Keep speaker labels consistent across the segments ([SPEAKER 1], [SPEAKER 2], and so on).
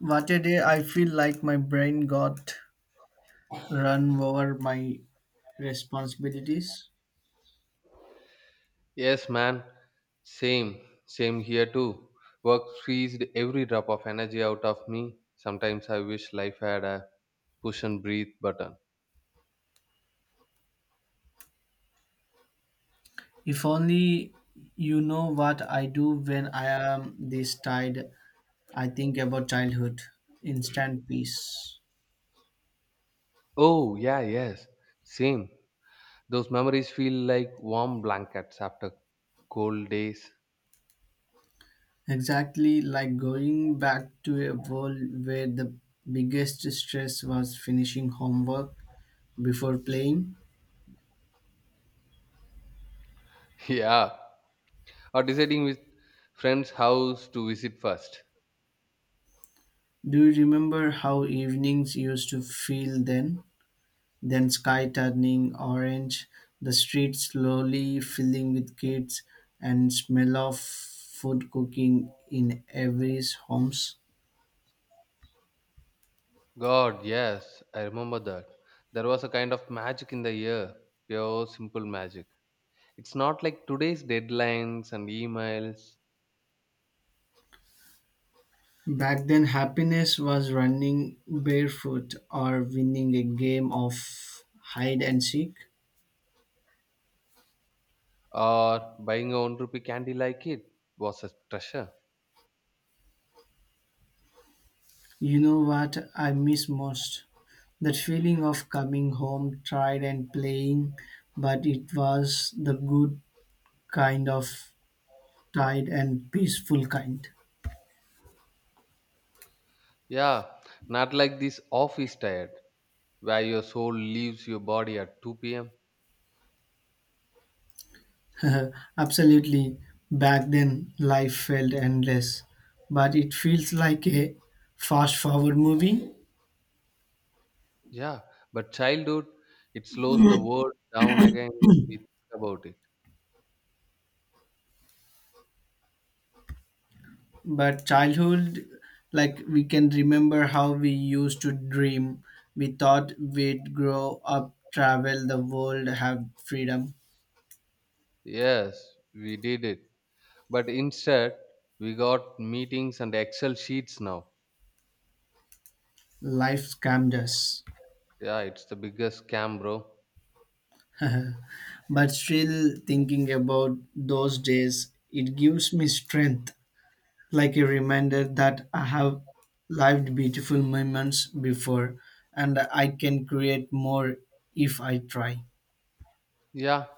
[SPEAKER 1] What a day, I feel like my brain got run over my responsibilities.
[SPEAKER 2] Yes, man. Same here too. Work squeezed every drop of energy out of me. Sometimes I wish life had a push and breathe button.
[SPEAKER 1] If only, you know what I do when I am this tired, I think about childhood, instant peace.
[SPEAKER 2] Oh, yeah, yes. Same. Those memories feel like warm blankets after cold days.
[SPEAKER 1] Exactly, like going back to a world where the biggest stress was finishing homework before playing.
[SPEAKER 2] Yeah. Or deciding which friend's house to visit first.
[SPEAKER 1] Do you remember how evenings used to feel then? Then sky turning orange, the streets slowly filling with kids, and smell of food cooking in every's homes.
[SPEAKER 2] God, yes, I remember that. There was a kind of magic in the air. Pure, simple magic. It's not like today's deadlines and emails
[SPEAKER 1] Back then, happiness was running barefoot or winning a game of hide and seek.
[SPEAKER 2] or buying a 1 rupee candy like it was a treasure.
[SPEAKER 1] You know what I miss most? That feeling of coming home, tired and playing, but it was the good kind of tired and peaceful kind.
[SPEAKER 2] Yeah, not like this office tired where your soul leaves your body at 2 p.m.
[SPEAKER 1] Absolutely. Back then, life felt endless, but it feels like a fast forward movie.
[SPEAKER 2] Yeah, but childhood, it slows the world down again when we think about it.
[SPEAKER 1] But childhood, like we can remember how we used to dream. We thought we'd grow up, travel the world, have freedom.
[SPEAKER 2] Yes, we did it. But instead, we got meetings and Excel sheets now.
[SPEAKER 1] Life scammed us.
[SPEAKER 2] Yeah, it's the biggest scam, bro.
[SPEAKER 1] But still, thinking about those days, it gives me strength. Like a reminder that I have lived beautiful moments before and I can create more if I try.
[SPEAKER 2] Yeah,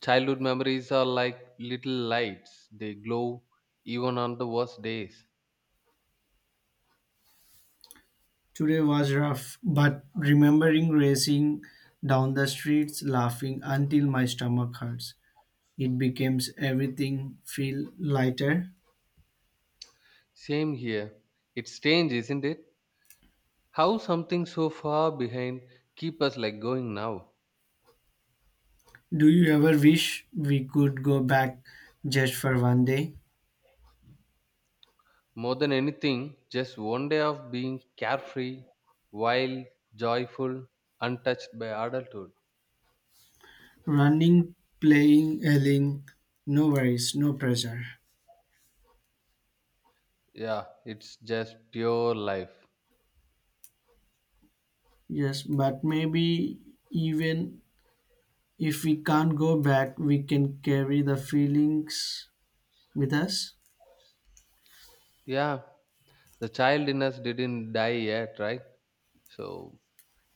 [SPEAKER 2] childhood memories are like little lights. They glow even on the worst days.
[SPEAKER 1] Today was rough, but remembering racing down the streets laughing until my stomach hurts, it becomes everything feel lighter.
[SPEAKER 2] Same here. It's strange, isn't it? How something so far behind keep us like going now.
[SPEAKER 1] Do you ever wish we could go back just for one day?
[SPEAKER 2] More than anything, just one day of being carefree, wild, joyful, untouched by adulthood.
[SPEAKER 1] Running, playing, yelling, no worries, no pressure.
[SPEAKER 2] Yeah, it's just pure life.
[SPEAKER 1] Yes, but maybe even if we can't go back, we can carry the feelings with us.
[SPEAKER 2] Yeah, the child in us didn't die yet, right? So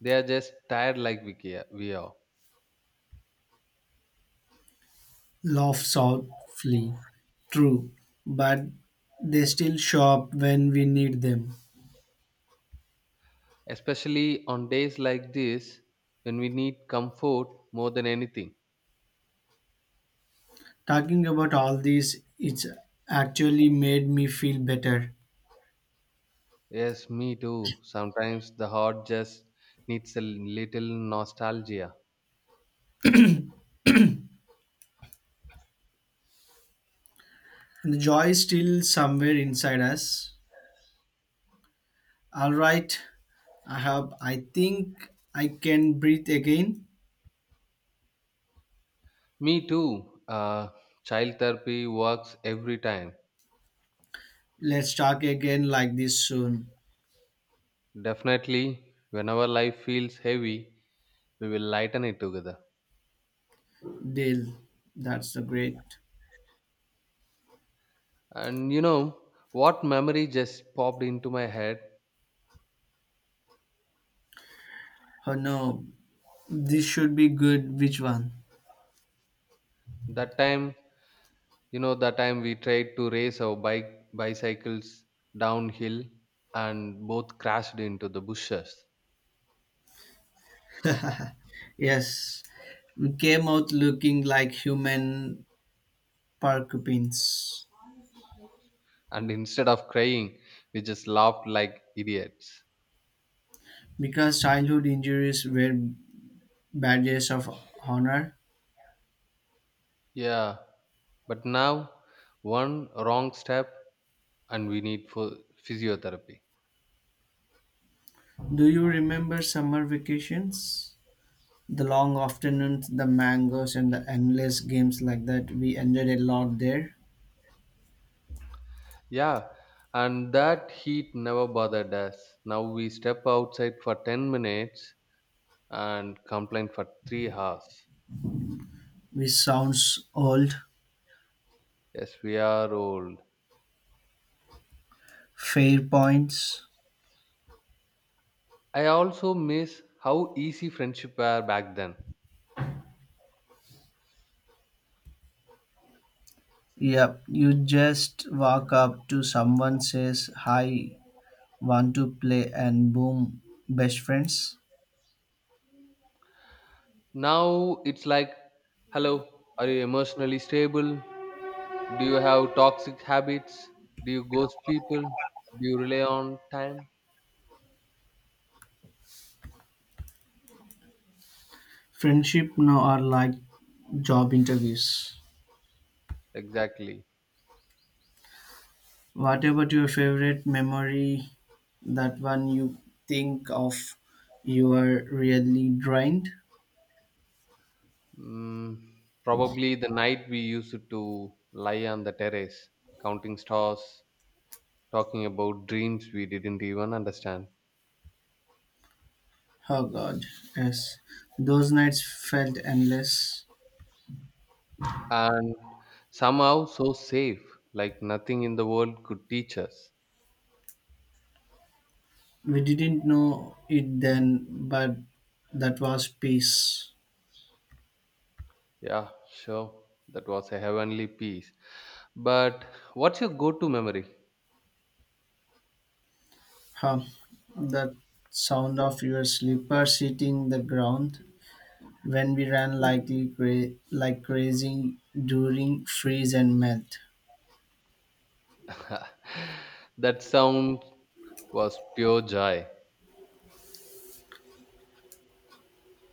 [SPEAKER 2] they are just tired like we are.
[SPEAKER 1] Laugh softly. True, but they still show up when we need them.
[SPEAKER 2] Especially on days like this when we need comfort more than anything.
[SPEAKER 1] Talking about all this, it's actually made me feel better.
[SPEAKER 2] Yes, me too. Sometimes the heart just needs a little nostalgia.
[SPEAKER 1] And the joy is still somewhere inside us. All right, I have. I think I can breathe again.
[SPEAKER 2] Me too. Child therapy works every time.
[SPEAKER 1] Let's talk again like this soon.
[SPEAKER 2] Definitely, whenever life feels heavy, we will lighten it together.
[SPEAKER 1] Deal. That's the great.
[SPEAKER 2] And you know what memory just popped into my head?
[SPEAKER 1] Oh no, this should be good. Which one?
[SPEAKER 2] That time you know The time we tried to race our bike bicycles downhill and both crashed into the bushes,
[SPEAKER 1] Yes, we came out looking like human porcupines
[SPEAKER 2] and instead of crying we just laughed like idiots.
[SPEAKER 1] because childhood injuries were badges of honor.
[SPEAKER 2] Yeah, but now one wrong step and we need for physiotherapy.
[SPEAKER 1] Do you remember summer vacations? The long afternoons, the mangoes, and the endless games like that. We enjoyed a lot there.
[SPEAKER 2] Yeah, and that heat never bothered us. Now we step outside for 10 minutes and complain for 3 hours.
[SPEAKER 1] Which sounds old.
[SPEAKER 2] Yes, we are old.
[SPEAKER 1] Fair points.
[SPEAKER 2] I also miss how easy friendship were back then.
[SPEAKER 1] Yep, you just walk up to someone, says hi, want to play, and boom, best friends.
[SPEAKER 2] Now it's like, hello, are you emotionally stable? Do you have toxic habits? Do you ghost people? Do you rely on time?
[SPEAKER 1] Friendship now are like job interviews.
[SPEAKER 2] Exactly.
[SPEAKER 1] What about your favorite memory? That one you think of, you are really drained?
[SPEAKER 2] Mm, Probably the night we used to lie on the terrace, counting stars, talking about dreams we didn't even understand.
[SPEAKER 1] Oh god, yes. Those nights felt endless.
[SPEAKER 2] And somehow so safe, like nothing in the world could teach us.
[SPEAKER 1] We didn't know it then, but that was peace.
[SPEAKER 2] Yeah, sure. That was a heavenly piece. But what's your go to memory?
[SPEAKER 1] Huh. That sound of your slippers hitting the ground when we ran like crazy during freeze and melt.
[SPEAKER 2] That sound was pure joy.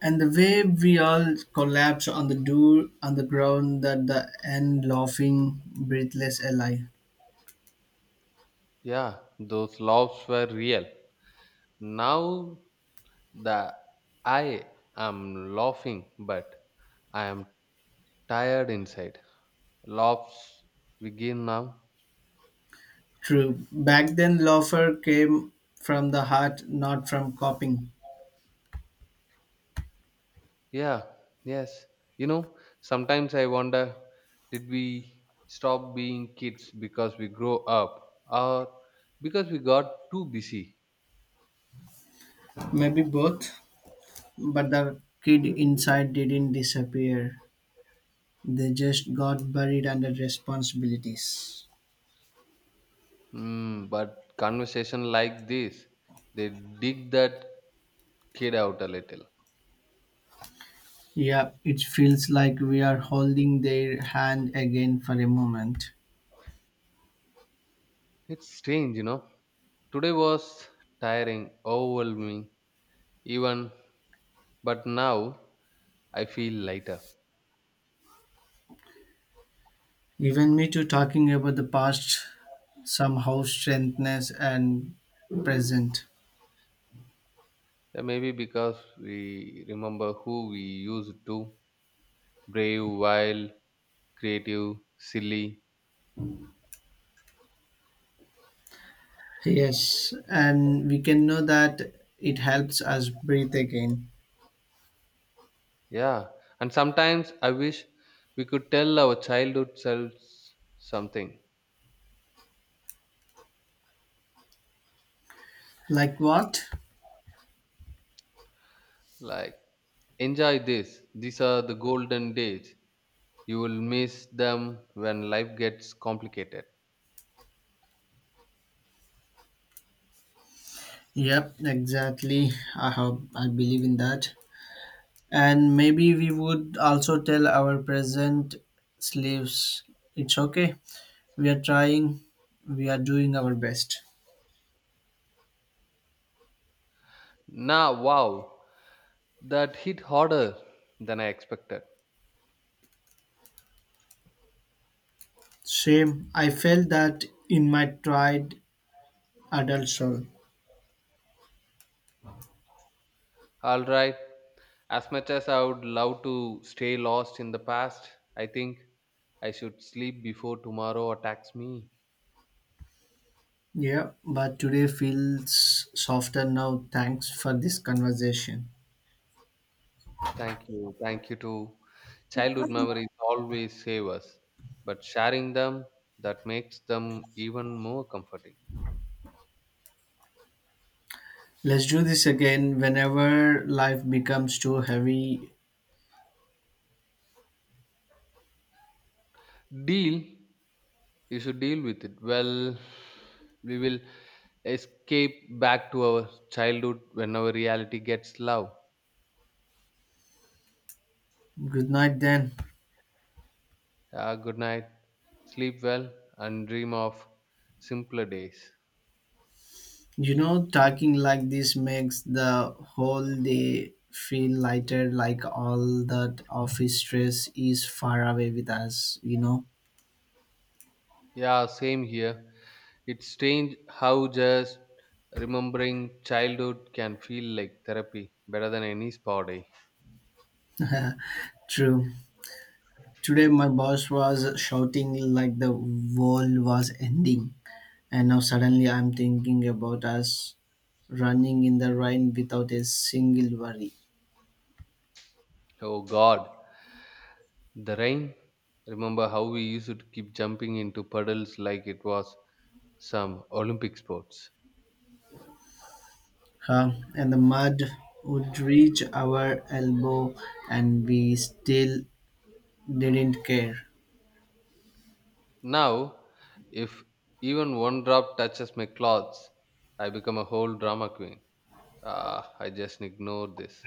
[SPEAKER 1] And the way we all collapsed on the door on the ground at the end laughing breathless ally.
[SPEAKER 2] Yeah, those laughs were real. Now, the I am laughing, but I am tired inside. Laughs begin now.
[SPEAKER 1] True. Back then laughter came from the heart, not from copying.
[SPEAKER 2] Yeah, yes. Sometimes I wonder, did we stop being kids because we grow up or because we got too busy?
[SPEAKER 1] Maybe both, but the kid inside didn't disappear. They just got buried under responsibilities.
[SPEAKER 2] But conversation like this, they dig that kid out a little.
[SPEAKER 1] Yeah, it feels like we are holding their hand again for a moment.
[SPEAKER 2] It's strange. Today was tiring, overwhelming, even, but now I feel lighter.
[SPEAKER 1] Even me too, talking about the past somehow strengthens and present.
[SPEAKER 2] Maybe because we remember who we used to brave, wild, creative, silly.
[SPEAKER 1] Yes, and we can know that it helps us breathe again.
[SPEAKER 2] Yeah. And sometimes I wish we could tell our childhood selves something
[SPEAKER 1] Like what?
[SPEAKER 2] like, enjoy this. These are the golden days. You will miss them when life gets complicated.
[SPEAKER 1] Yep, exactly. I hope I believe in that. And maybe we would also tell our present slaves it's okay. We are trying, we are doing our best.
[SPEAKER 2] Nah, wow. That hit harder than I expected.
[SPEAKER 1] Same. I felt that in my tried adult soul.
[SPEAKER 2] All right. As much as I would love to stay lost in the past, I think I should sleep before tomorrow attacks me.
[SPEAKER 1] Yeah, but today feels softer now. Thanks for this conversation.
[SPEAKER 2] Thank you. Thank you too. Childhood memories always save us, but sharing them, that makes them even more comforting.
[SPEAKER 1] Let's do this again whenever life becomes too heavy.
[SPEAKER 2] Deal, you should deal with it. Well, we will escape back to our childhood when our reality gets low.
[SPEAKER 1] Good night then.
[SPEAKER 2] Ah, good night. Sleep well and dream of simpler days.
[SPEAKER 1] You know, talking like this makes the whole day feel lighter, like all that office stress is far away with us, you know.
[SPEAKER 2] Yeah, same here. It's strange how just remembering childhood can feel like therapy better than any spa day.
[SPEAKER 1] True. Today, my boss was shouting like the world was ending. And now suddenly I'm thinking about us running in the rain without a single worry.
[SPEAKER 2] Oh God, the rain. Remember how we used to keep jumping into puddles like it was some Olympic sports.
[SPEAKER 1] Huh? And the mud would reach our elbow, and we still didn't care.
[SPEAKER 2] Now, if even one drop touches my clothes, I become a whole drama queen. Ah, I just ignore this.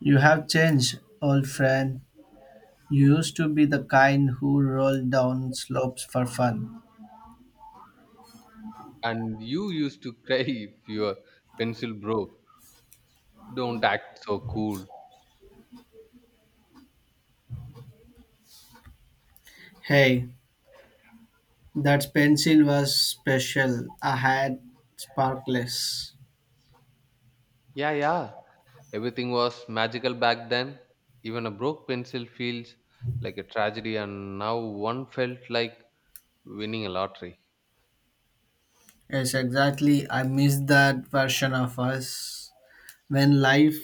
[SPEAKER 1] You have changed, old friend. You used to be the kind who rolled down slopes for fun.
[SPEAKER 2] And you used to cry if your pencil broke. Don't act so cool.
[SPEAKER 1] Hey, that pencil was special. I had sparkless.
[SPEAKER 2] Yeah, yeah. Everything was magical back then. Even a broke pencil feels like a tragedy, and now one felt like winning a lottery.
[SPEAKER 1] Yes, exactly. I miss that version of us. When life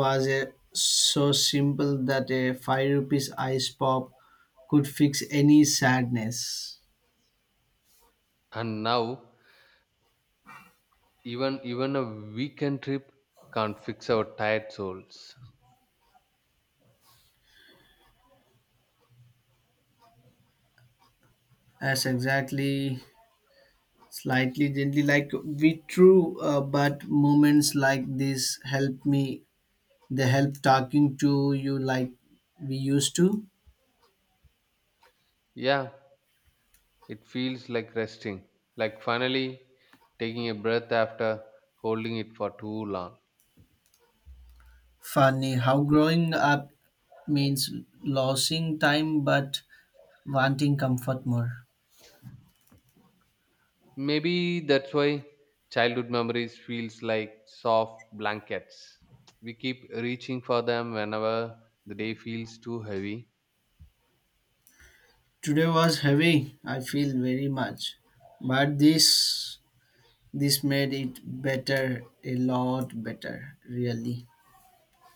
[SPEAKER 1] was so simple that a 5 rupees ice pop could fix any sadness.
[SPEAKER 2] And now, even a weekend trip can't fix our tired souls.
[SPEAKER 1] That's exactly slightly gently like we true, but moments like this help me. They help talking to you like we used to.
[SPEAKER 2] Yeah, it feels like resting, like finally taking a breath after holding it for too long.
[SPEAKER 1] Funny how growing up means losing time but wanting comfort more.
[SPEAKER 2] Maybe that's why childhood memories feels like soft blankets. We keep reaching for them whenever the day feels too heavy.
[SPEAKER 1] Today was heavy, I feel very much. But this made it better, a lot better, really.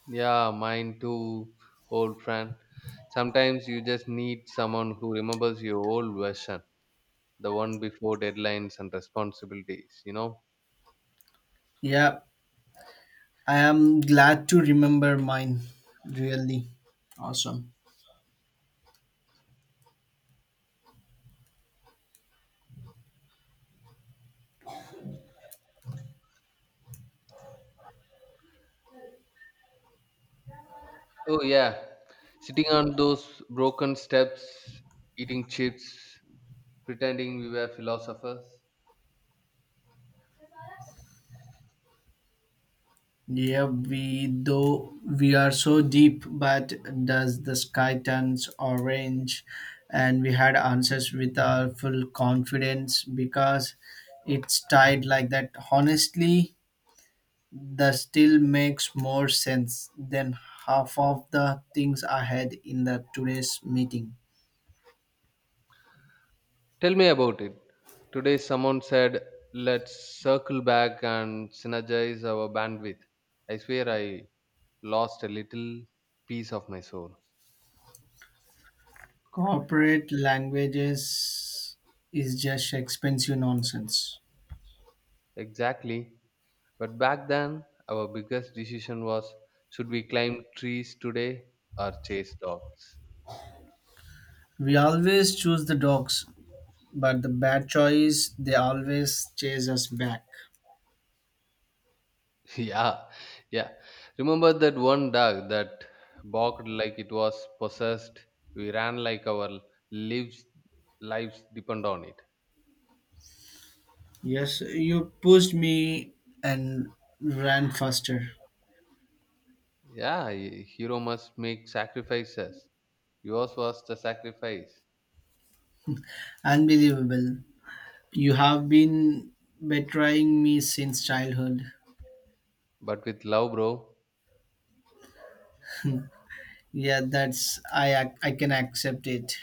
[SPEAKER 2] Yeah, mine too, old friend. Sometimes you just need someone who remembers your old version, the one before deadlines and responsibilities, you know?
[SPEAKER 1] Yeah, I am glad to remember mine. Really awesome.
[SPEAKER 2] Oh, yeah. Sitting on those broken steps, eating chips, pretending we were philosophers.
[SPEAKER 1] Yeah, we though we are so deep, but does the sky turns orange? And we had answers with our full confidence because it's tied like that. Honestly, the still makes more sense than half of the things I had in the today's meeting.
[SPEAKER 2] Tell me about it. Today, someone said, let's circle back and synergize our bandwidth. I swear I lost a little piece of my soul.
[SPEAKER 1] Corporate languages is just expensive nonsense.
[SPEAKER 2] Exactly. But back then, our biggest decision was, should we climb trees today or chase dogs?
[SPEAKER 1] We always choose the dogs, but the bad choice they always chase us back.
[SPEAKER 2] Yeah, yeah. Remember that one dog that barked like it was possessed? We ran like our lives, lives depend on it.
[SPEAKER 1] Yes, you pushed me and ran faster.
[SPEAKER 2] Yeah, hero must make sacrifices. Yours was the sacrifice,
[SPEAKER 1] Unbelievable. You have been betraying me since childhood.
[SPEAKER 2] but with love, bro.
[SPEAKER 1] Yeah, that's I can accept it.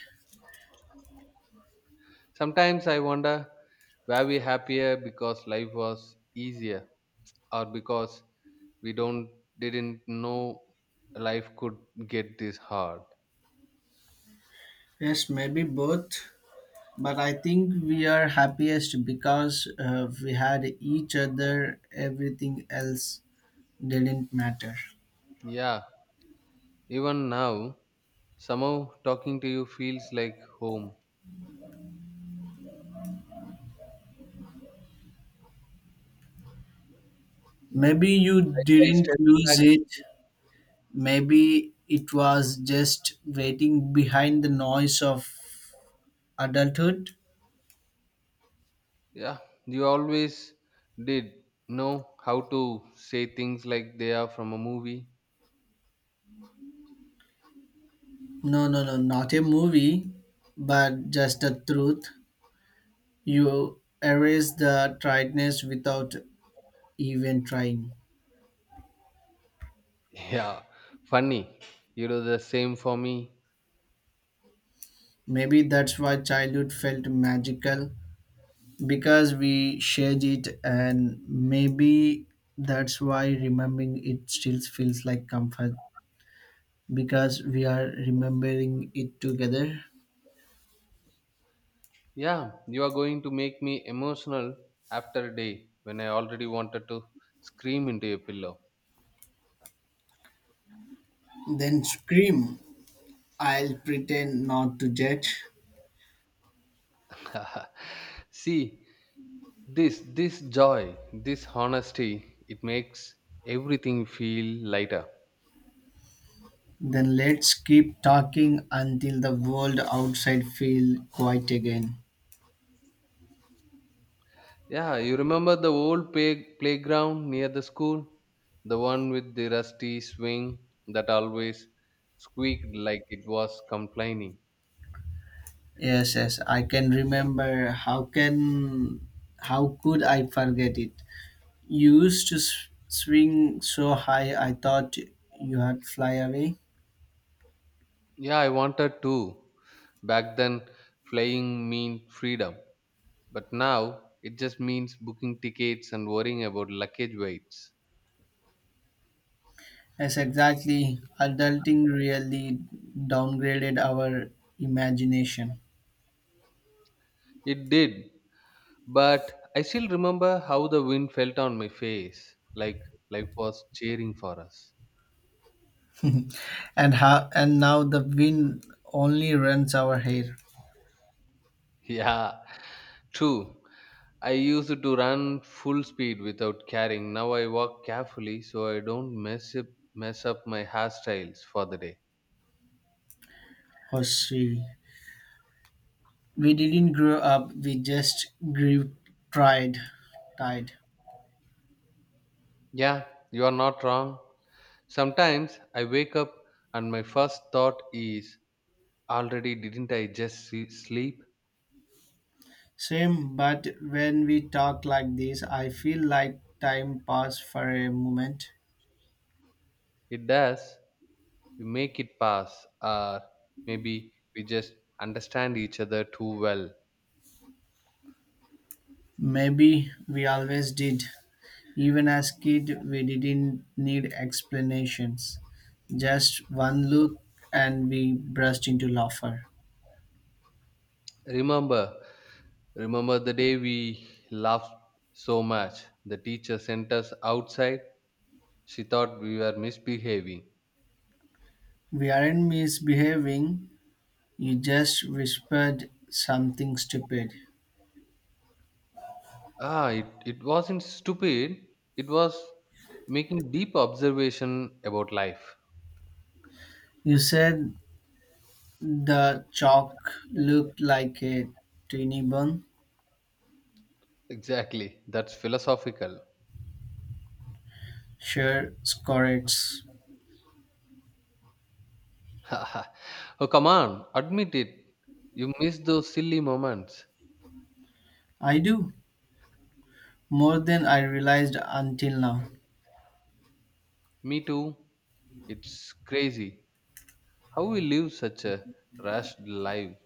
[SPEAKER 2] Sometimes I wonder, were we happier because life was easier, or because we don't didn't know life could get this hard?
[SPEAKER 1] Yes, maybe both, but I think we are happiest because we had each other. Everything else didn't matter.
[SPEAKER 2] Yeah, even now, somehow talking to you feels like home.
[SPEAKER 1] Maybe you
[SPEAKER 2] Like I
[SPEAKER 1] didn't
[SPEAKER 2] stepped
[SPEAKER 1] lose
[SPEAKER 2] back.
[SPEAKER 1] it. Maybe it was just waiting behind the noise of adulthood.
[SPEAKER 2] Yeah, you always did know how to say things like they are from a movie.
[SPEAKER 1] No, no, no, not a movie, but just the truth. You erase the triedness without even trying.
[SPEAKER 2] Yeah, funny. You do the same for me.
[SPEAKER 1] Maybe that's why childhood felt magical because we shared it, and maybe that's why remembering it still feels like comfort because we are remembering it together.
[SPEAKER 2] Yeah, you are going to make me emotional after a day when I already wanted to scream into your pillow.
[SPEAKER 1] Then scream, I'll pretend not to judge.
[SPEAKER 2] See, this joy, this honesty, it makes everything feel lighter.
[SPEAKER 1] Then let's keep talking until the world outside feel quiet again.
[SPEAKER 2] Yeah, you remember the old playground near the school? The one with the rusty swing that always squeaked like it was complaining.
[SPEAKER 1] Yes, yes, I can remember. How could I forget it? You used to swing so high I thought you had fly away.
[SPEAKER 2] Yeah, I wanted to. Back then, flying meant freedom. But now, it just means booking tickets and worrying about luggage weights.
[SPEAKER 1] Yes, exactly. Adulting really downgraded our imagination.
[SPEAKER 2] It did. But I still remember how the wind felt on my face, like life was cheering for us.
[SPEAKER 1] And now the wind only runs our hair.
[SPEAKER 2] Yeah, true. I used to run full speed without caring. Now I walk carefully so I don't mess up my hairstyles for the day.
[SPEAKER 1] Hosri. We didn't grow up, we just grew tried tied.
[SPEAKER 2] Yeah, you are not wrong. Sometimes I wake up and my first thought is, already didn't I just sleep?
[SPEAKER 1] Same, but when we talk like this, I feel like time passed for a moment.
[SPEAKER 2] It does. We make it pass, or maybe we just understand each other too well.
[SPEAKER 1] Maybe we always did. Even as kids, we didn't need explanations. Just one look and we burst into laughter.
[SPEAKER 2] Remember, remember the day we laughed so much. The teacher sent us outside. She thought we were misbehaving.
[SPEAKER 1] We aren't misbehaving. You just whispered something stupid.
[SPEAKER 2] Ah, it wasn't stupid. It was making deep observation about life.
[SPEAKER 1] You said the chalk looked like a tiny bun.
[SPEAKER 2] Exactly. That's philosophical.
[SPEAKER 1] Sure, correct.
[SPEAKER 2] Oh, come on. Admit it. You miss those silly moments.
[SPEAKER 1] I do. More than I realized until now.
[SPEAKER 2] Me too. It's crazy how we live such a rushed life.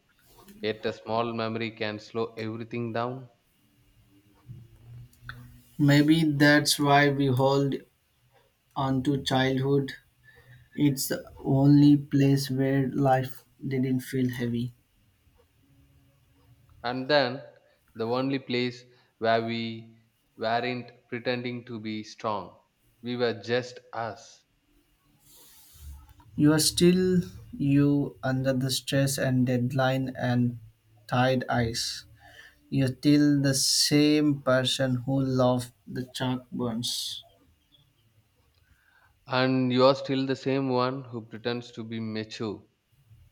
[SPEAKER 2] Yet a small memory can slow everything down.
[SPEAKER 1] Maybe that's why we hold onto childhood. It's the only place where life didn't feel heavy.
[SPEAKER 2] And then the only place where we weren't pretending to be strong. We were just us.
[SPEAKER 1] You are still you under the stress and deadline and tired eyes. You're still the same person who loved the chalk burns.
[SPEAKER 2] And you're still the same one who pretends to be mature,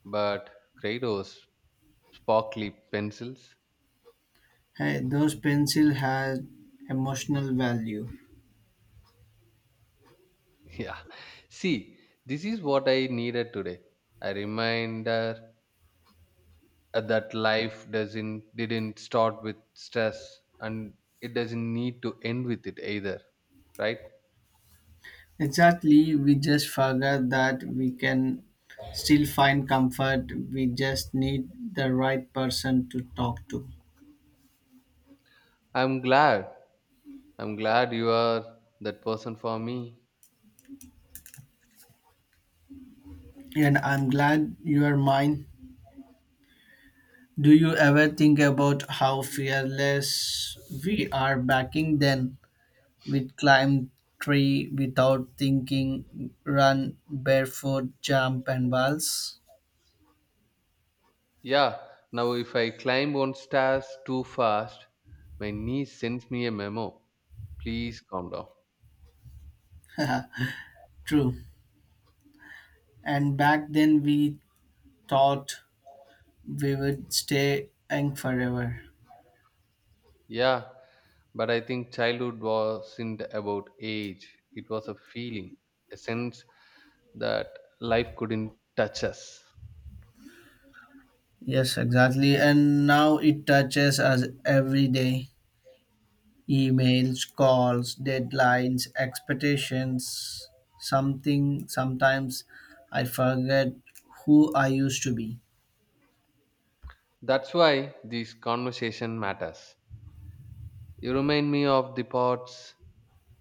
[SPEAKER 2] but Kratos, sparkly pencils.
[SPEAKER 1] Hey, those pencil had emotional value.
[SPEAKER 2] Yeah. See, this is what I needed today. A reminder that life doesn't didn't start with stress and it doesn't need to end with it either, right?
[SPEAKER 1] Exactly, we just forgot that we can still find comfort. We just need the right person to talk to.
[SPEAKER 2] I'm glad i'm glad you are that person for me.
[SPEAKER 1] And I'm glad you are mine. Do you ever think about how fearless we are back in then? We'd climb tree without thinking, run barefoot, jump and balls.
[SPEAKER 2] Yeah, now if I climb on stairs too fast, my niece sends me a memo, please calm down.
[SPEAKER 1] True. And back then we thought we would stay young forever.
[SPEAKER 2] Yeah, but I think childhood wasn't about age. It was a feeling, a sense that life couldn't touch us.
[SPEAKER 1] Yes, exactly. And now it touches us every day. Emails, calls, deadlines, expectations, something sometimes I forget who I used to be.
[SPEAKER 2] That's why this conversation matters. You remind me of the parts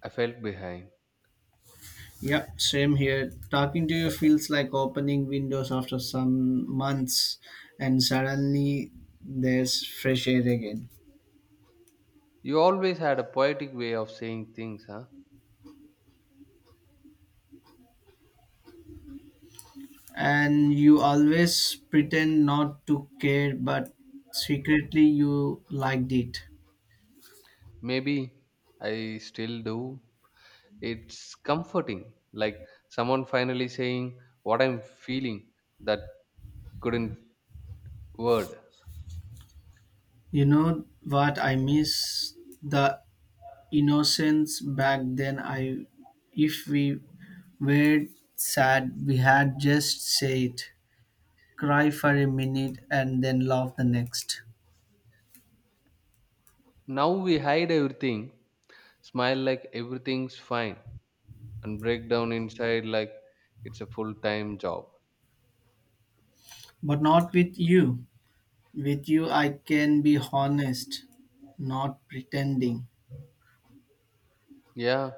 [SPEAKER 2] I felt behind.
[SPEAKER 1] Yeah, same here, talking to you feels like opening windows after some months and suddenly there's fresh air again.
[SPEAKER 2] You always had a poetic way of saying things, huh?
[SPEAKER 1] And you always pretend not to care, but secretly you liked it.
[SPEAKER 2] Maybe I still do. It's comforting, like someone finally saying what I'm feeling that couldn't word.
[SPEAKER 1] You know what I miss? The innocence back then. I if we were sad, we had just say it, cry for a minute and then laugh the next.
[SPEAKER 2] Now we hide everything, smile like everything's fine, and break down inside like it's a full time job.
[SPEAKER 1] But not with you. With you I can be honest, not pretending.
[SPEAKER 2] Yeah,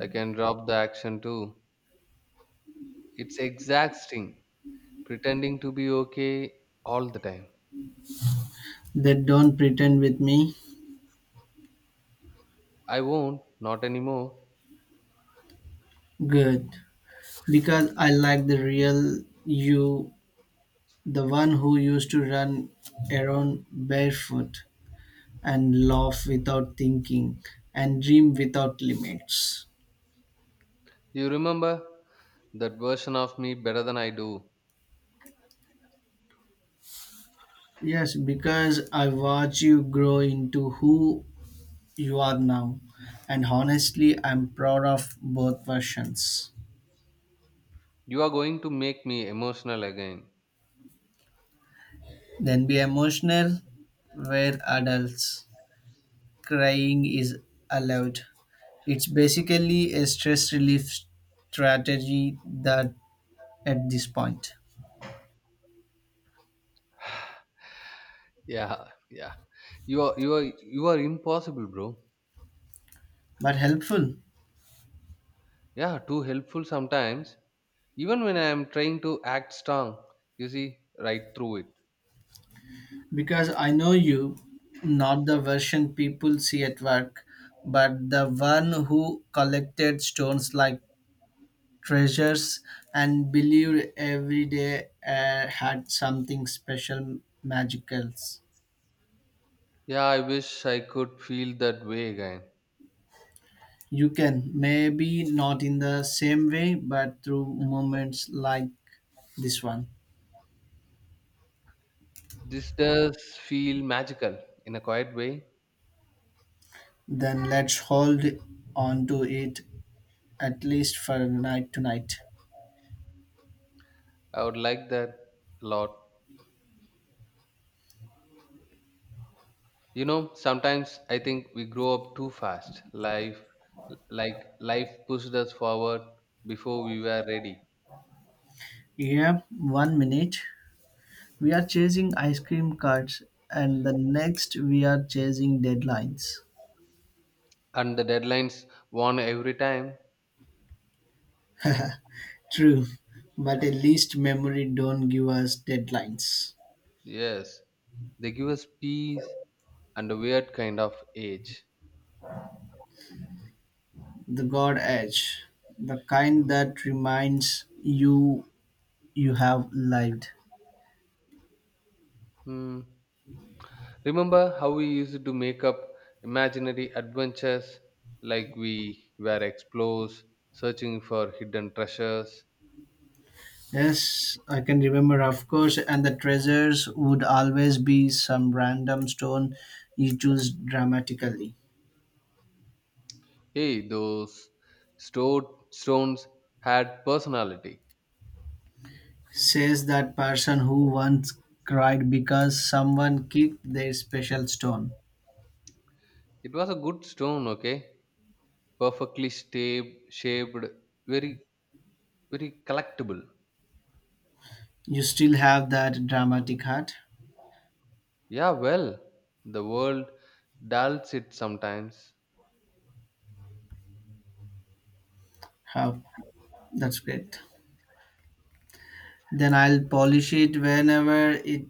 [SPEAKER 2] I can drop the action too. It's exhausting pretending to be okay all the time.
[SPEAKER 1] They don't pretend with me.
[SPEAKER 2] I won't, not anymore.
[SPEAKER 1] Good, because I like the real you, the one who used to run around barefoot and laugh without thinking and dream without limits.
[SPEAKER 2] You remember that version of me better than I do.
[SPEAKER 1] Yes, because I watch you grow into who you are now. And honestly, I'm proud of both versions.
[SPEAKER 2] You are going to make me emotional again.
[SPEAKER 1] Then be emotional, we're adults. Crying is allowed. It's basically a stress relief strategy that at this point,
[SPEAKER 2] Yeah, yeah. You are impossible, bro.
[SPEAKER 1] but helpful.
[SPEAKER 2] Yeah, too helpful sometimes. Even when I am trying to act strong, you see, right through it.
[SPEAKER 1] Because I know you, not the version people see at work, but the one who collected stones like treasures and believed every day had something special, magical.
[SPEAKER 2] Yeah, I wish I could feel that way again.
[SPEAKER 1] You can, maybe not in the same way, but through moments like this one.
[SPEAKER 2] This does feel magical in a quiet way.
[SPEAKER 1] Then let's hold on to it at least for night tonight.
[SPEAKER 2] I would like that a lot. You know, sometimes I think we grow up too fast. Life pushed us forward before we were ready.
[SPEAKER 1] Yeah, one minute. We are chasing ice cream carts, and the next we are chasing deadlines.
[SPEAKER 2] And the deadlines won every time.
[SPEAKER 1] True, but at least memory don't give us deadlines.
[SPEAKER 2] Yes, they give us peace and a weird kind of age.
[SPEAKER 1] The God Edge, the kind that reminds you you have lived.
[SPEAKER 2] Hmm. Remember how we used to make up imaginary adventures like we were explorers searching for hidden treasures?
[SPEAKER 1] Yes, I can remember, of course, and the treasures would always be some random stone you choose dramatically.
[SPEAKER 2] Hey, those stored stones had personality.
[SPEAKER 1] Says that person who once cried because someone kicked their special stone.
[SPEAKER 2] It was a good stone, okay? Perfectly shaped, very, very collectible.
[SPEAKER 1] You still have that dramatic heart.
[SPEAKER 2] Yeah, well, the world dulls it sometimes.
[SPEAKER 1] How that's great. Then I'll polish it whenever it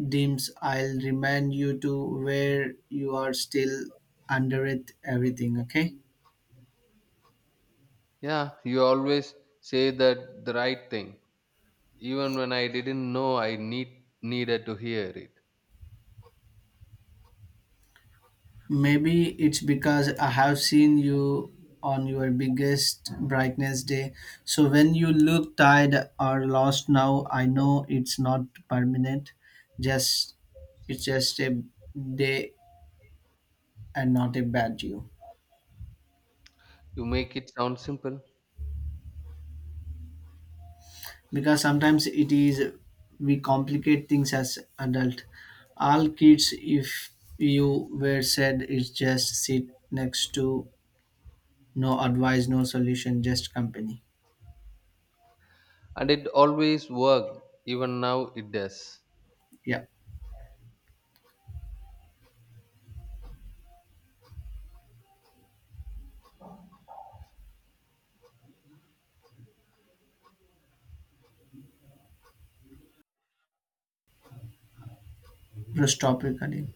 [SPEAKER 1] dims. I'll remind you to where you are still under it everything, okay?
[SPEAKER 2] Yeah, you always say that the right thing, even when I didn't know I needed to hear it.
[SPEAKER 1] Maybe it's because I have seen you on your biggest brightness day. So when you look tired or lost now, I know it's not permanent. Just it's just a day and not a bad you.
[SPEAKER 2] You make it sound simple,
[SPEAKER 1] Because sometimes it is, we complicate things as adult, all kids if you were said is just sit next to, no advice, no solution, just company.
[SPEAKER 2] and it always worked. Even now, it does.
[SPEAKER 1] Yeah, press stop recording.